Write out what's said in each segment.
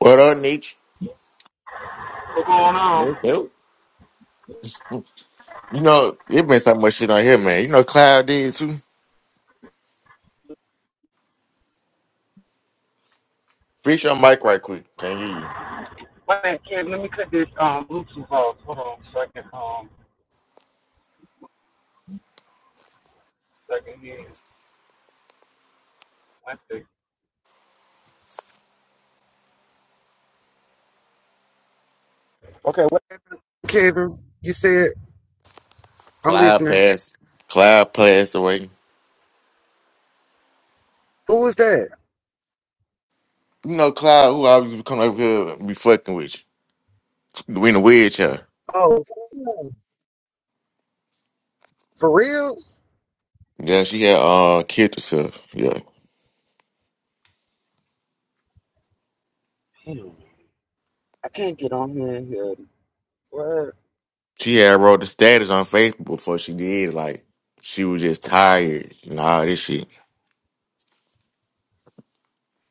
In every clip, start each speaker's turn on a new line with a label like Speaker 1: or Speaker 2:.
Speaker 1: What up, Nietzsche?
Speaker 2: What's going on?
Speaker 1: Yep, yep. You know, it been so much shit on here, man. You know, Cloud did too. Fix your mic right quick. Can you?
Speaker 2: Wait, Kevin, let me cut this um Bluetooth off. Hold on, so I can um, so I can hear. One second. Okay, what? Kevin, you said I'm
Speaker 1: Cloud
Speaker 2: listening.
Speaker 1: passed. Cloud passed away.
Speaker 2: Who is that?
Speaker 1: You know, Cloud, who always be coming over here and be fucking with you. We in the wheelchair.
Speaker 2: Oh, for real?
Speaker 1: Yeah, she had uh killed herself. Yeah.
Speaker 2: Hmm, I can't get on here. And hear it.
Speaker 1: She had wrote the status on Facebook before she did. Like, she was just tired and all this shit.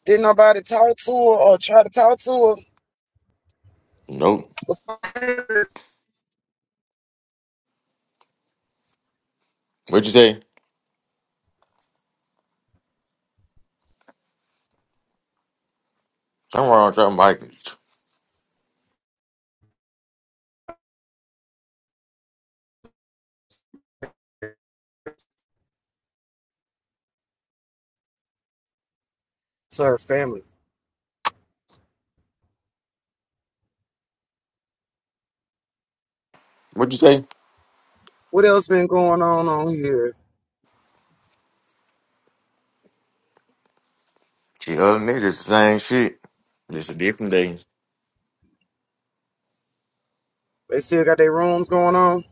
Speaker 2: Did nobody talk to her or try to talk to her?
Speaker 1: Nope. What'd you say? Something wrong with your mic.
Speaker 2: to her family.
Speaker 1: What'd you say?
Speaker 2: What else been going on on here?
Speaker 1: She other niggas, the same shit. It's a different day.
Speaker 2: They still got their rooms going on.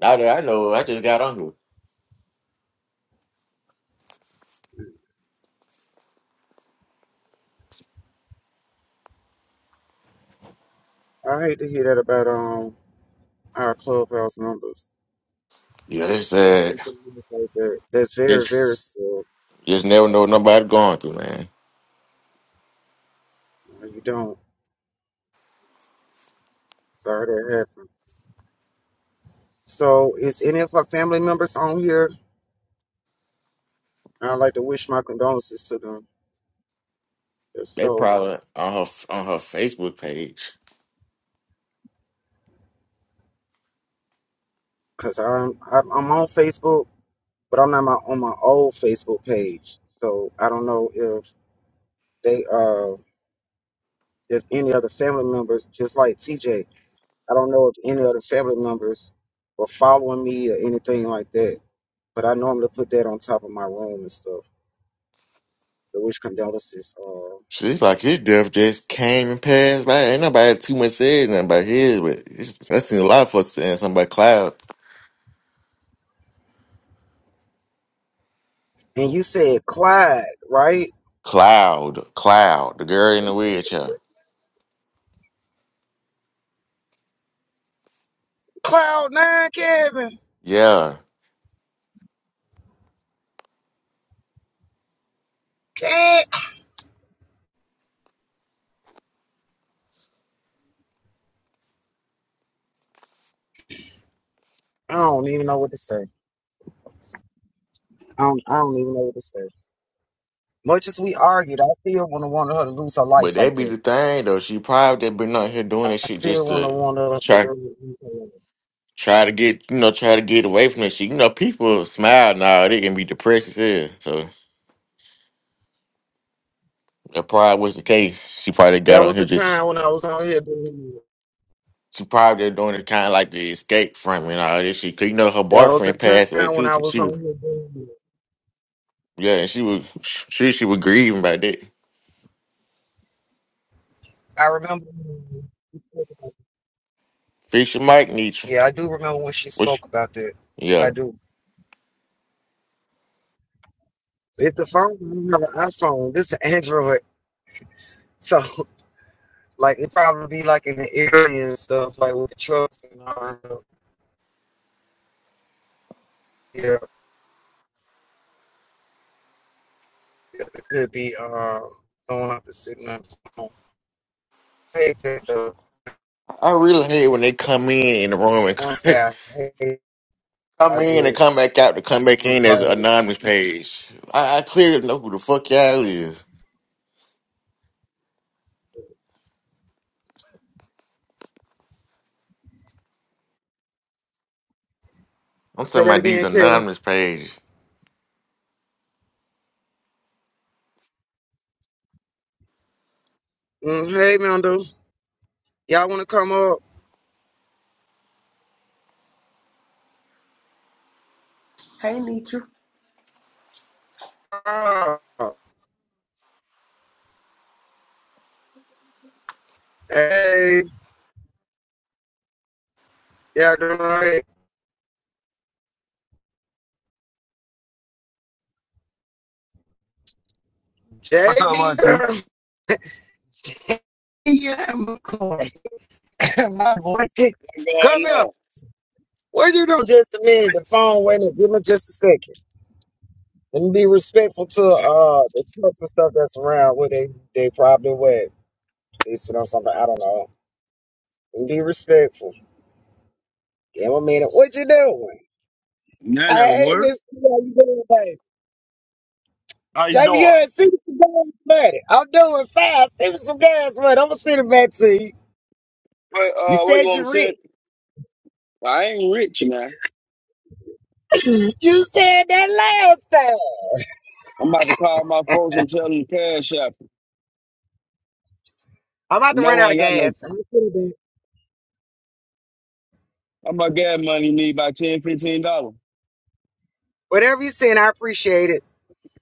Speaker 1: Now that I know, I just got on here.
Speaker 2: I hate to hear that about um our clubhouse numbers.
Speaker 1: Yeah, they
Speaker 2: If you
Speaker 1: said
Speaker 2: communicate that, that's very, very
Speaker 1: it's
Speaker 2: skilled.
Speaker 1: just never know what nobody going through, man.
Speaker 2: No, you don't. Sorry that happened. So, is any of our family members on here? I'd like to wish my condolences to them. If
Speaker 1: They
Speaker 2: so,
Speaker 1: probably on her on her Facebook page.
Speaker 2: because I'm, I'm I'm on Facebook, but I'm not my, on my old Facebook page. So I don't know if they uh if any other family members, just like TJ, I don't know if any other family members were following me or anything like that. But I normally put that on top of my room and stuff. The wish condolences. Uh,
Speaker 1: She's like his death just came and passed by. Ain't nobody too much said nothing about his, but it's, I seen a lot of folks saying something about Cloud,
Speaker 2: And you said Clyde, right?
Speaker 1: Cloud, Cloud, the girl in the wheelchair.
Speaker 2: Cloud nine, Kevin.
Speaker 1: Yeah,
Speaker 2: Eh, I don't even know what to say. I don't, I don't even know what to say. Much as we argued, I still want to want her to lose her
Speaker 1: but
Speaker 2: life like
Speaker 1: that be
Speaker 2: that.
Speaker 1: the thing though. She probably been out here doing
Speaker 2: I
Speaker 1: that shit
Speaker 2: still
Speaker 1: just
Speaker 2: want to
Speaker 1: to.
Speaker 2: want her to
Speaker 1: try
Speaker 2: go.
Speaker 1: try to get you know try to get away from that shit. You know, people smile now; they can be depressed as hell. So that probably was the case. She probably got
Speaker 2: There
Speaker 1: on
Speaker 2: was
Speaker 1: here
Speaker 2: a
Speaker 1: just
Speaker 2: time when I was on here doing it.
Speaker 1: she probably doing it kind of like the escape from it and all this shit. 'Cause you know her
Speaker 2: There was a
Speaker 1: boyfriend
Speaker 2: time
Speaker 1: passed away
Speaker 2: when
Speaker 1: too.
Speaker 2: I
Speaker 1: So
Speaker 2: was
Speaker 1: she was
Speaker 2: on here doing it.
Speaker 1: yeah, and she was she she was grieving about that.
Speaker 2: I remember.
Speaker 1: Fix your mic, Nietzsche.
Speaker 2: Yeah, I do remember when she
Speaker 1: Which
Speaker 2: spoke about that. I
Speaker 1: yeah,
Speaker 2: do. It's the phone. I don't have an iPhone. This is Android. So Like it probably be like in the area and stuff, like with the trucks and all that stuff. Yeah, it could be um going up and sitting up. Hey, the
Speaker 1: I really hate when they come in in the room
Speaker 2: once
Speaker 1: and
Speaker 2: I hey,
Speaker 1: come
Speaker 2: I
Speaker 1: in and come
Speaker 2: just
Speaker 1: back out to come back
Speaker 2: I'm
Speaker 1: in as
Speaker 2: sorry.
Speaker 1: an anonymous page. I, I clearly know who the fuck y'all is. I'm
Speaker 2: Say
Speaker 1: talking
Speaker 2: that
Speaker 1: about these
Speaker 2: again, Kevin.
Speaker 1: anonymous pages.
Speaker 2: Mm, hey, Mando, y'all want to come up?
Speaker 3: Hey, Nietzsche.
Speaker 2: Ah, hey, y'all doing all right?
Speaker 4: What's up,
Speaker 2: Jamie,
Speaker 4: Auntie?
Speaker 2: Jamie McCoy, my voice,
Speaker 4: What's going
Speaker 2: come here.
Speaker 4: on?
Speaker 2: Well, you know, just a minute. The phone, wait a minute. Give me just a second. Let me be respectful to uh the trucks and stuff that's around where they they probably went. They sit on something. I don't know. Let me be respectful. Give me a minute. What you doing?
Speaker 4: None at
Speaker 2: Hey,
Speaker 4: work.
Speaker 2: Miss, how you doing, baby?
Speaker 4: How you doing?
Speaker 2: Jamie, yeah, see me some gas money. I'm doing fine. See me some gas money. I'm gonna send it back to you.
Speaker 4: What,
Speaker 2: You
Speaker 4: uh, what you
Speaker 2: said
Speaker 4: want me to
Speaker 2: you're
Speaker 4: say?
Speaker 2: rich.
Speaker 4: I ain't rich now.
Speaker 2: you said that last time.
Speaker 4: I'm about to call my folks and tell them to cash out.
Speaker 2: I'm about to run
Speaker 4: No,
Speaker 2: out
Speaker 4: I
Speaker 2: of
Speaker 4: ain't got no.
Speaker 2: gas. I'm gonna send it back.
Speaker 4: I'm my gas money need about ten, fifteen dollars.
Speaker 2: Whatever you send, I appreciate it.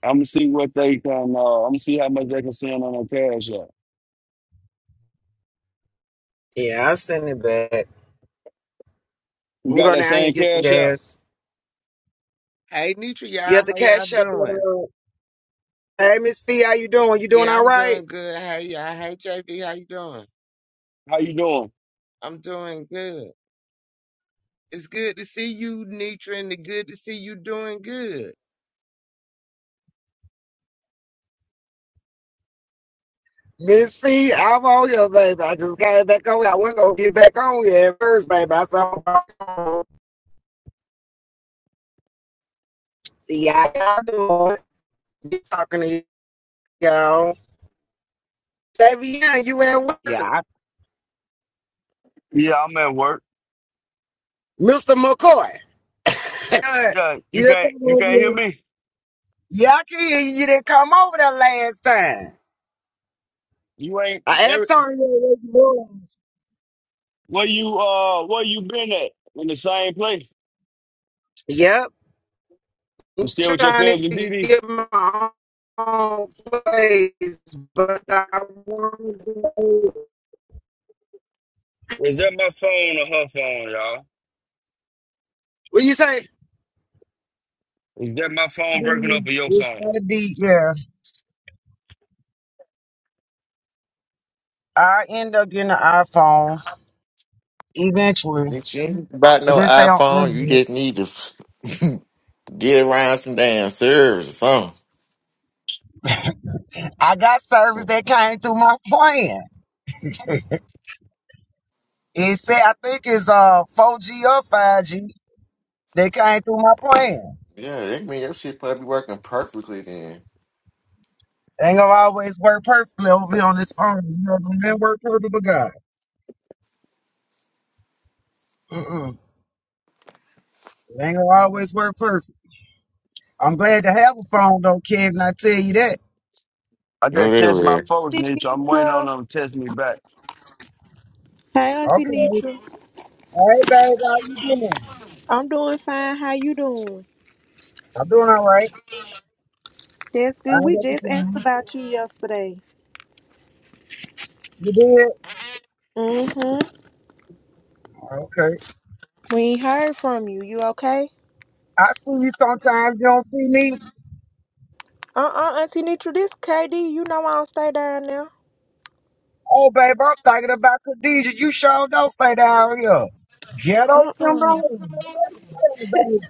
Speaker 4: I'm gonna see what they can. Uh, I'm gonna see how much they can send on that cash out.
Speaker 2: Yeah, I'll send it back.
Speaker 4: You
Speaker 2: I'm
Speaker 4: got
Speaker 2: going
Speaker 4: that
Speaker 2: down here
Speaker 4: same
Speaker 2: and get some
Speaker 4: cash out?
Speaker 2: gas.
Speaker 5: Hey Nitra,
Speaker 2: You
Speaker 5: y'all,
Speaker 2: have to
Speaker 5: how y'all
Speaker 2: cash up
Speaker 5: doing?
Speaker 2: that. Uh, hey, Miss Fee, how you doing? You doing
Speaker 5: Yeah,
Speaker 2: all
Speaker 5: I'm
Speaker 2: right?
Speaker 5: doing good. Hey y'all, hey JB, how you doing?
Speaker 4: How you doing?
Speaker 5: I'm doing good. It's good to see you, Nitra, and it's good to see you doing good.
Speaker 2: Miss Fee, I'm on here, baby. I just came back on. I wasn't gonna get back on here at first, baby. I saw. See how y'all doing? You talking to y'all? Savion, you at work?
Speaker 5: Yeah.
Speaker 4: Yeah, I'm at work.
Speaker 2: Mr. McCoy.
Speaker 4: Yeah,
Speaker 2: you
Speaker 4: you
Speaker 2: didn't
Speaker 4: can't
Speaker 2: come
Speaker 4: you
Speaker 2: over
Speaker 4: can't hear
Speaker 2: here.
Speaker 4: me?
Speaker 2: Yeah, I can hear you. You didn't come over there last time.
Speaker 4: You ain't
Speaker 2: I
Speaker 4: every,
Speaker 2: asked Tony where you was.
Speaker 4: where you uh where you been at? In the same place?
Speaker 2: Yeah.
Speaker 4: You still with your
Speaker 2: trying
Speaker 4: cousin
Speaker 2: to
Speaker 4: Didi?
Speaker 2: get my own place, but I want to.
Speaker 4: Is that my phone or her phone, y'all?
Speaker 2: What you say?
Speaker 4: Is that my phone breaking up or your
Speaker 2: It's
Speaker 4: phone?
Speaker 2: gotta be yeah. I end up getting an iPhone eventually.
Speaker 1: Bitch, you ain't about
Speaker 2: I
Speaker 1: no
Speaker 2: just stay on
Speaker 1: iPhone. You
Speaker 2: Android.
Speaker 1: just need to get around some damn servers or something.
Speaker 2: I got service that came through my plan. It said I think it's uh 4G or 5G. They came through my plan.
Speaker 1: Yeah, that mean your shit probably working perfectly then.
Speaker 2: Ain't gonna always work perfectly over here on this phone. You know, it don't work perfect, but God. Mm-mm. It ain't gonna always work perfect. I'm glad to have a phone though, kid, and I tell you that.
Speaker 4: I
Speaker 1: No,
Speaker 4: just
Speaker 1: they
Speaker 4: test my
Speaker 1: were.
Speaker 4: folks, Nietzsche. I'm waiting on
Speaker 6: Nitra.
Speaker 4: them to test me back.
Speaker 6: Hey, Auntie
Speaker 2: Okay.
Speaker 6: Nitra.
Speaker 2: Hey baby, how you doing?
Speaker 6: I'm doing fine. How you doing?
Speaker 2: I'm doing all right.
Speaker 6: That's good.
Speaker 2: I ain't
Speaker 6: We
Speaker 2: got to
Speaker 6: just asked
Speaker 2: complain.
Speaker 6: about you yesterday.
Speaker 2: You did?
Speaker 6: Mm-hmm.
Speaker 2: Okay.
Speaker 6: We ain't heard from you. You okay?
Speaker 2: I see you sometimes, you don't see me.
Speaker 6: Uh-uh, Auntie Nitra. This KD. You know I don't stay down there.
Speaker 2: Oh babe, I'm thinking about Khadijah. You sure don't stay down here. Ghetto
Speaker 6: Uh-uh.
Speaker 2: syndrome. Where you at, babe?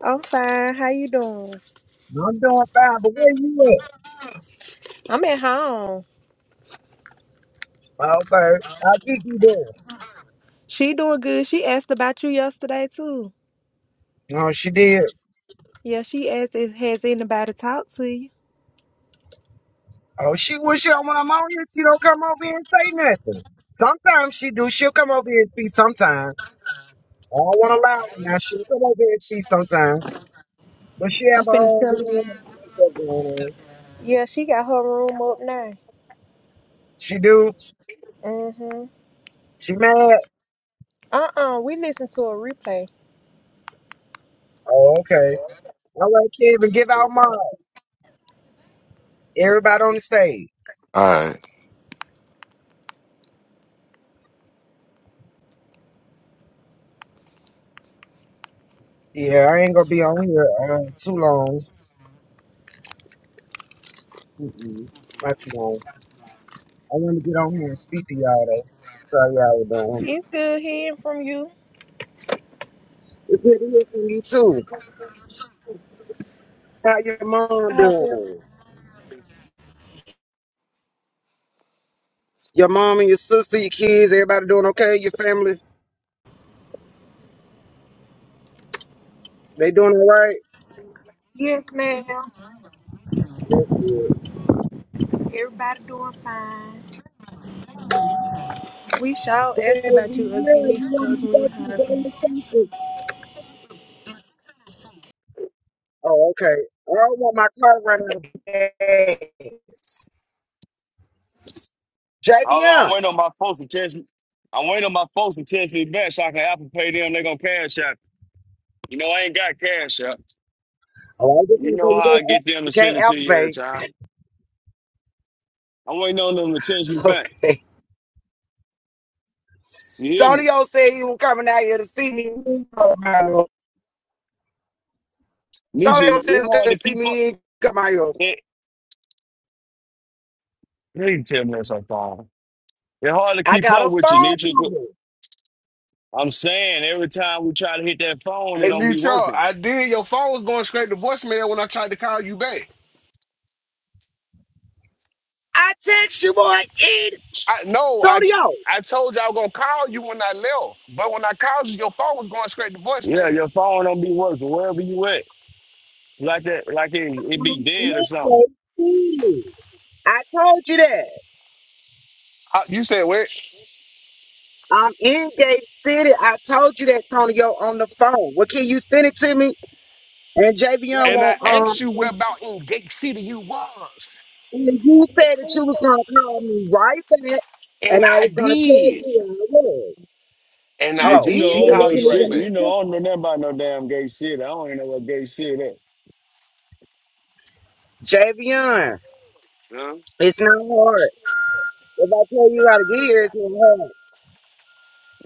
Speaker 6: I'm fine. How you doing?
Speaker 2: I'm doing fine, but where you at?
Speaker 6: I'm at home.
Speaker 2: Oh babe, how Kiki doing?
Speaker 6: She doing good. She asked about you yesterday, too.
Speaker 2: Oh, she did.
Speaker 6: Yeah, she asked, if- has anybody talked to you?
Speaker 2: Oh, she wish her when I'm on here, she don't come over here and say nothing. Sometimes she do. She'll come over here and speak sometimes. I don't want to lie to her now. She come over here and speak sometime, but she
Speaker 6: I'm
Speaker 2: have her
Speaker 6: finna
Speaker 2: own
Speaker 6: tell her.
Speaker 2: room and all that stuff going on.
Speaker 6: Yeah, she got her room up now.
Speaker 2: She do.
Speaker 6: Mm-hmm.
Speaker 2: She mad.
Speaker 6: Uh-uh. We listen to a replay.
Speaker 2: Oh, okay. All right, Kevin, give out mine. Everybody on the stage.
Speaker 1: All right.
Speaker 2: Yeah, I ain't gonna be on here uh, too long. Mm-mm, not too long. I want to get on here and speak to y'all though. Sorry, y'all doing.
Speaker 6: It's good hearing from you.
Speaker 2: It's good to hear from you too. How your
Speaker 6: I
Speaker 2: mom
Speaker 6: hope you.
Speaker 2: doing? Your mom and your sister, your kids, everybody doing okay? Your family, they doing all right?
Speaker 6: Yes, ma'am.
Speaker 2: That's good.
Speaker 6: Everybody doing fine. We sure
Speaker 2: Yeah,
Speaker 6: asked about you,
Speaker 2: you-
Speaker 6: Auntie
Speaker 2: yeah, you
Speaker 6: Nix,
Speaker 2: want
Speaker 6: because
Speaker 2: me to
Speaker 6: we
Speaker 2: go
Speaker 6: ain't
Speaker 2: to
Speaker 6: heard.
Speaker 2: the
Speaker 6: you.
Speaker 2: Daily Something? Oh, okay. I don't want my car to run out of gas.
Speaker 4: Hold on, I'm
Speaker 2: Javion.
Speaker 4: waiting on my folks to test me. I'm waiting on my folks to test me back so I can Apple Pay them. They're going to cash out. You know, I ain't got cash out.
Speaker 2: Oh, I was just
Speaker 4: You
Speaker 2: gonna say
Speaker 4: know
Speaker 2: you
Speaker 4: how I
Speaker 2: don't
Speaker 4: get
Speaker 2: al-
Speaker 4: them to
Speaker 2: you
Speaker 4: send
Speaker 2: can't
Speaker 4: it to you every
Speaker 2: alphabet.
Speaker 4: time. I'm waiting on them to test me back.
Speaker 2: Okay.
Speaker 4: You hear me?
Speaker 2: Tonyo said he was coming out here to see me. Mario.
Speaker 4: Nietzsche,
Speaker 2: Tonyo said he
Speaker 4: it's
Speaker 2: was
Speaker 4: hard
Speaker 2: gonna
Speaker 4: to
Speaker 2: see
Speaker 4: keep up.
Speaker 2: me in Mario.
Speaker 4: It, please tell me that's a phone. It's hard to
Speaker 2: I
Speaker 4: keep
Speaker 2: got
Speaker 4: up
Speaker 2: a
Speaker 4: with you,
Speaker 2: phone
Speaker 4: Nietzsche.
Speaker 2: number.
Speaker 4: I'm saying every time we try to hit that phone, it
Speaker 7: Hey,
Speaker 4: don't be
Speaker 7: Neutral,
Speaker 4: working.
Speaker 7: I did. Your phone was going straight to voicemail when I tried to call you back.
Speaker 2: I text you boy It
Speaker 7: I no, I
Speaker 2: Tonyo.
Speaker 7: I told you I was gonna call you when I left, but when I called you, your phone was going straight to
Speaker 4: Yeah,
Speaker 7: voicemail.
Speaker 4: your phone don't be working wherever you at. Like that, like it, it be
Speaker 2: I'm in
Speaker 4: dead or something.
Speaker 2: Gate City. I told you that.
Speaker 7: Uh, you said what?
Speaker 2: I'm in Gate City. I told you that, Tonyo, on the phone. Well, can you send it to me? And Javion
Speaker 7: And I
Speaker 2: won't,
Speaker 7: asked you where
Speaker 2: um,
Speaker 7: about in Gate City you was,
Speaker 2: and you said that you was gonna call me right back, and
Speaker 7: and
Speaker 2: I
Speaker 7: I
Speaker 2: was gonna tell you
Speaker 7: did,
Speaker 2: where I was.
Speaker 7: and I
Speaker 4: Did you
Speaker 2: Oh,
Speaker 4: know
Speaker 2: you
Speaker 7: did
Speaker 4: I don't
Speaker 2: didn't
Speaker 7: call
Speaker 4: know
Speaker 7: you right
Speaker 4: shit?
Speaker 2: you
Speaker 4: You
Speaker 7: back.
Speaker 2: leave a
Speaker 4: know I don't know nothing about no damn gay shit. I don't even know what gay shit is.
Speaker 2: message? JVN,
Speaker 4: Huh?
Speaker 2: it's not hard. If I tell you how to get here, it's not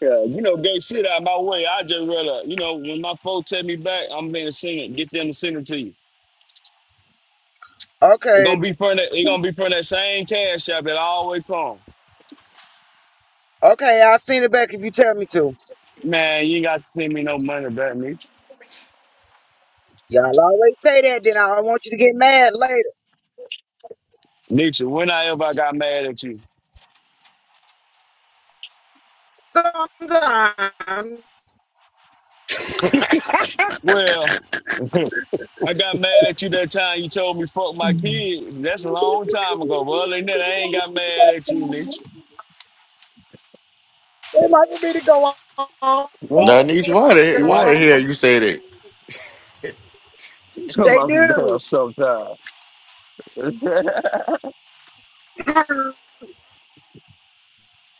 Speaker 4: Yeah, you know gay shit out my way. I just rather, you know, when my folks take me back, I'm gonna send it. Get them to send it to you.
Speaker 2: hard.
Speaker 4: It's
Speaker 2: Okay,
Speaker 4: gonna be from that. It's gonna be from that same cash app that I always call.
Speaker 2: okay, I'll send it back if you tell me to.
Speaker 4: Man, you ain't got to send me no money back, Nietzsche.
Speaker 2: Y'all always say that, then I don't want you to get mad later.
Speaker 4: Nietzsche, when I ever got mad at you?
Speaker 2: Sometimes.
Speaker 4: Well. I got mad at you that time you told me fuck my kid. That's a long time ago, but other than that, I ain't got mad at you, Nick.
Speaker 2: They like for me to go on.
Speaker 4: What?
Speaker 1: Now, Nietzsche, why the, why
Speaker 4: What?
Speaker 1: the hell you say that?
Speaker 4: You talking
Speaker 2: They
Speaker 4: about some damn
Speaker 2: do.
Speaker 4: sometime. no, I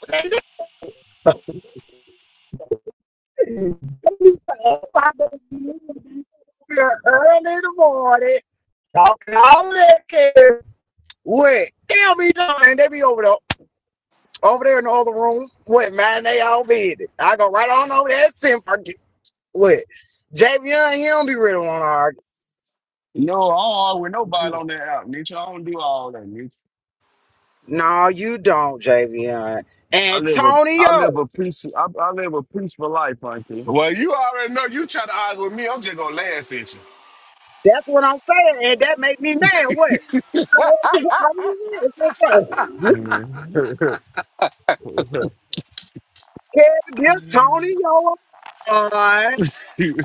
Speaker 2: They do. We're early in the morning talking all that care. What? They'll be done. They be over there, over there in the other room. What man? They all be it. I go right on over there. Send for what? JV and him be ready to want to argue.
Speaker 4: don't argue with nobody on that out, Nick. I don't do all that, Nick.
Speaker 2: No, you don't, Javion.
Speaker 4: I live a I
Speaker 2: Antonio.
Speaker 4: live a peace I, I live a peaceful life, Auntie.
Speaker 7: Well, you already know you try to argue with me. I'm just gonna laugh at
Speaker 2: That's what I'm saying. And that make me mad. What? I want to- I want to- It's okay. Can't give Tony. a card.
Speaker 7: you.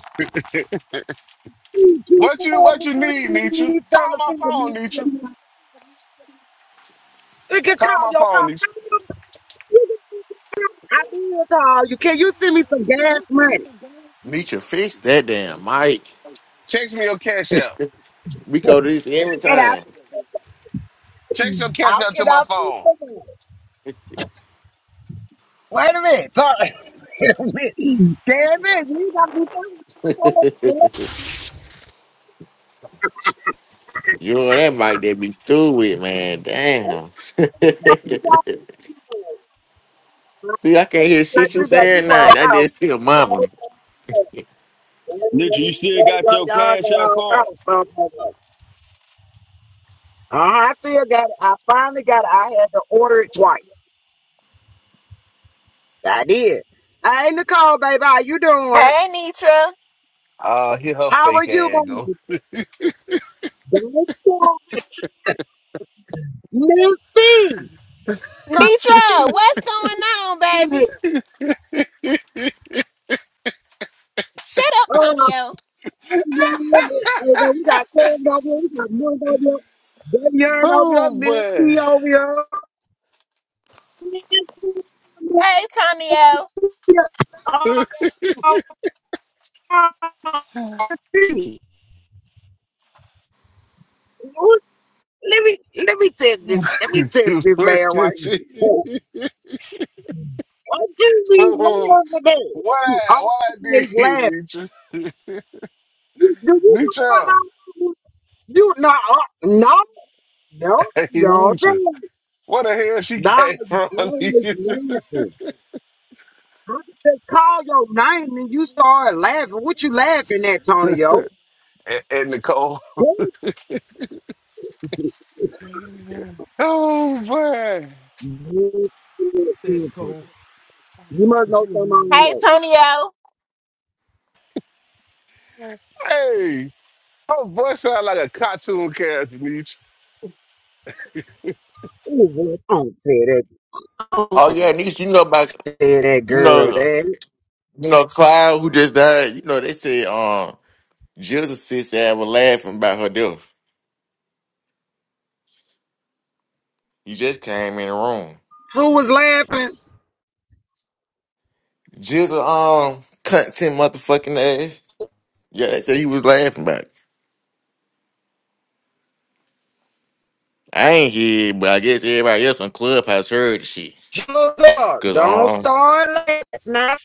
Speaker 2: He keep
Speaker 7: what you what
Speaker 2: up
Speaker 7: you
Speaker 2: with
Speaker 7: need, Nietzsche?
Speaker 2: these
Speaker 7: Call
Speaker 2: fellas
Speaker 7: my
Speaker 2: in the
Speaker 7: phone, Nietzsche.
Speaker 2: next You can
Speaker 7: Call
Speaker 2: call
Speaker 7: my
Speaker 2: your phone.
Speaker 7: phone, Nietzsche.
Speaker 2: Call your phone. You can keep it down. I did call you. Can you send me some gas money?
Speaker 1: Nietzsche, fix that damn mic.
Speaker 7: Text me your cash out.
Speaker 1: We go to this every
Speaker 2: And I,
Speaker 1: time.
Speaker 7: Text your catch
Speaker 2: I
Speaker 7: out to
Speaker 2: can
Speaker 7: my phone.
Speaker 2: I Wait a minute. Talk. Wait a minute. Damn it. You got to be talking about something
Speaker 1: You know that mic that be through with, man.
Speaker 2: else.
Speaker 1: Damn.
Speaker 2: You got to be talking about it.
Speaker 1: see, I can't hear
Speaker 2: Like
Speaker 1: shit you
Speaker 2: you got, you
Speaker 1: saying now.
Speaker 2: brought
Speaker 1: That
Speaker 2: out.
Speaker 1: just still mama.
Speaker 4: Nick, you still got
Speaker 2: Y'all
Speaker 4: your
Speaker 2: got
Speaker 4: cash out
Speaker 2: all kind of
Speaker 4: card?
Speaker 2: house, stuff like that. Uh, I still got it. I finally got it. I had to order it twice. I did. Hey, Nicole, baby, how you doing?
Speaker 8: Hey, Nitra.
Speaker 7: Ah, here her
Speaker 2: How are
Speaker 7: fake
Speaker 2: you,
Speaker 7: ass go.
Speaker 2: baby? Don't stop. Miss B. Come
Speaker 8: Nitra, what's going on,
Speaker 2: in
Speaker 8: baby? Shut up,
Speaker 2: here.
Speaker 8: Tonio.
Speaker 2: Hey, man, we got Cam over here. We got Moon over here. Ben Yarn over here.
Speaker 7: Oh boy.
Speaker 2: Misty over here.
Speaker 8: Hey, Tonio.
Speaker 2: Let me let me test this. Let me test this
Speaker 7: what
Speaker 2: man
Speaker 7: you
Speaker 2: right here.
Speaker 7: see?
Speaker 2: Why do we
Speaker 7: Oh,
Speaker 2: laugh at that?
Speaker 7: what
Speaker 2: We
Speaker 7: I what I
Speaker 2: always
Speaker 7: did,
Speaker 2: laugh.
Speaker 7: Nietzsche?
Speaker 2: You, do you
Speaker 7: Nietzsche.
Speaker 2: know somebody? You No, uh, No, no,
Speaker 7: Hey
Speaker 2: no. tell
Speaker 7: Nietzsche.
Speaker 2: me.
Speaker 7: Where the hell she
Speaker 2: No,
Speaker 7: came
Speaker 2: you
Speaker 7: from,
Speaker 2: always
Speaker 7: Nietzsche?
Speaker 2: laugh. I just call your name and you start laughing. What you laughing at, Tonyo?
Speaker 7: And, and Nicole.
Speaker 2: You
Speaker 7: Oh boy.
Speaker 2: must know something I don't
Speaker 8: Hey,
Speaker 2: know.
Speaker 8: Tonio.
Speaker 7: Hey. Her voice sound like a cartoon character, Nietzsche.
Speaker 2: Ooh, don't say that. Don't
Speaker 1: Oh, yeah, Nietzsche, you know about,
Speaker 2: say that,
Speaker 1: you
Speaker 2: girl.
Speaker 1: know.
Speaker 2: That
Speaker 1: You know, Cloud who just died, you know, they said um Jill's sister had was laughing about her death. You just came in the room.
Speaker 2: who was laughing?
Speaker 1: Jill's um content motherfucking ass. Yeah, they said he was laughing about it. I ain't here, but I guess everybody else on Clubhouse heard the shit.
Speaker 2: Joseph,
Speaker 1: Cause
Speaker 2: don't
Speaker 1: um
Speaker 2: start laughing. It's not.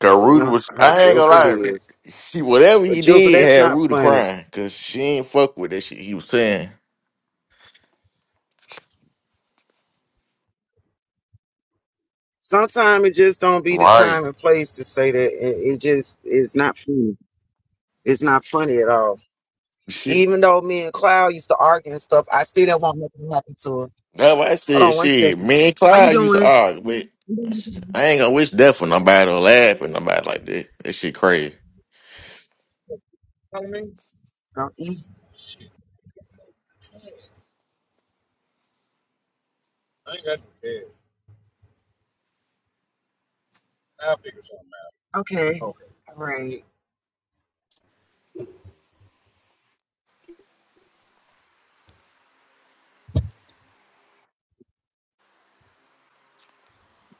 Speaker 1: cause
Speaker 2: You
Speaker 1: Rudy
Speaker 2: know
Speaker 1: was
Speaker 2: how
Speaker 1: I ain't gonna
Speaker 2: Joseph
Speaker 1: lie,
Speaker 2: is,
Speaker 1: she whatever
Speaker 2: but
Speaker 1: he
Speaker 2: Joseph,
Speaker 1: did
Speaker 2: that's
Speaker 1: had
Speaker 2: not
Speaker 1: Rudy
Speaker 2: funny.
Speaker 1: crying. Cause she ain't fuck with that shit he was saying.
Speaker 2: Sometimes it just don't be the
Speaker 1: Right.
Speaker 2: time and place to say that. It, it just is not funny. It's not funny at all.
Speaker 1: Shit.
Speaker 2: Even though me and Cloud used to argue and stuff, I still don't want nothing to happen to her.
Speaker 1: That's why I
Speaker 2: Hold
Speaker 1: said
Speaker 2: on one
Speaker 1: shit.
Speaker 2: second.
Speaker 1: Me and
Speaker 2: How you
Speaker 1: Clyde used to
Speaker 2: doing?
Speaker 1: argue,
Speaker 2: You doing
Speaker 1: I ain't gonna wish death for nobody or
Speaker 2: okay for
Speaker 1: laugh
Speaker 2: me?
Speaker 1: at nobody like that. That shit crazy.
Speaker 2: For me? So, E. Happy. Okay. Okay. All right.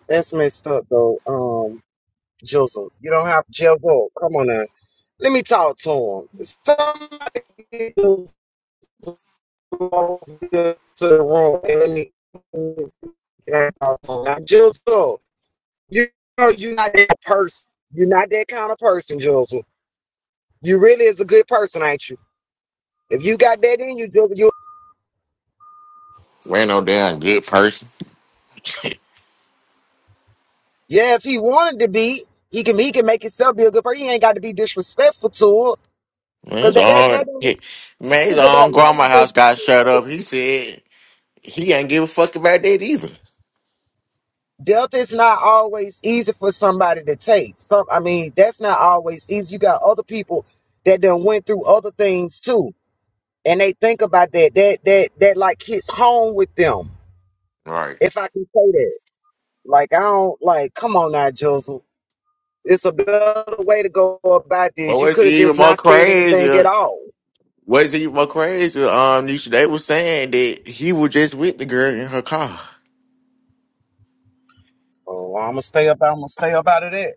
Speaker 2: That's messed up though. Um, Jizzle. You don't have Jizzle. Come on now. Let me talk to him. Somebody get Jizzle over here to the room and let me get out talk to him. Now, Jizzle, you know you're not that person. You're not that kind of person, Jizzle. You really is a good person, ain't you? If you got that in you, just you.
Speaker 1: Ain't no damn good person. Man,
Speaker 2: Yeah, if he wanted to be, he can. He can make himself be a good person. He ain't got to be disrespectful to it, because
Speaker 1: it's
Speaker 2: that that that
Speaker 1: hard.
Speaker 2: don't-
Speaker 1: Yeah. Man, his
Speaker 2: people that
Speaker 1: own
Speaker 2: love
Speaker 1: grandma house
Speaker 2: it,
Speaker 1: got shut up. He said he ain't give a fuck about that either.
Speaker 2: death is not always easy for somebody to take. Some, I mean, that's not always easy. You got other people that done went through other things too, and they think about that. That that that like hits home with them.
Speaker 1: Right.
Speaker 2: If I can say that, like I don't like. Come on now, Jules. It's a better way to go about
Speaker 1: But
Speaker 2: this. You
Speaker 1: what's
Speaker 2: could have
Speaker 1: even
Speaker 2: just
Speaker 1: more
Speaker 2: not said anything at
Speaker 1: crazy?
Speaker 2: all.
Speaker 1: What's even more crazy? Um, Nisha, they was saying that he was just with the girl in her car.
Speaker 2: Oh, I'm gonna stay up. I'm gonna stay up out of that.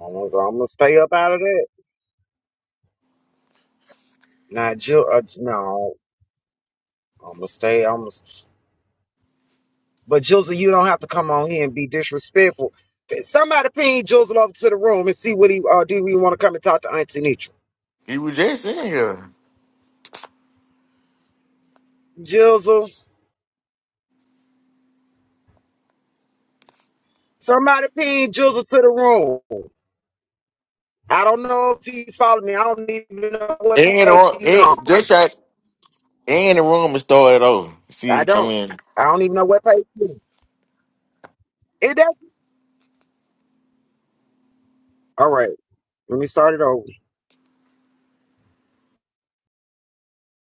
Speaker 2: I'm gonna, I'm gonna stay up out of that. Now, Jill, uh, no, I'm gonna stay. I'm gonna, but Jizzle, you don't have to come on here and be disrespectful. Somebody ping Jizzle over to the room and see what he uh, do. We want to come and talk to Auntie Nitra.
Speaker 1: He was just in here.
Speaker 2: Jizzle, somebody ping Jizzle to the room. I don't know if he follow me. I don't even know what
Speaker 1: And the
Speaker 2: page
Speaker 1: room,
Speaker 2: he
Speaker 1: and,
Speaker 2: on.
Speaker 1: just shot, and the room and started over. See, if
Speaker 2: I
Speaker 1: you come
Speaker 2: don't.
Speaker 1: in.
Speaker 2: I don't even know what page. he on. It does. All right, let me start it over.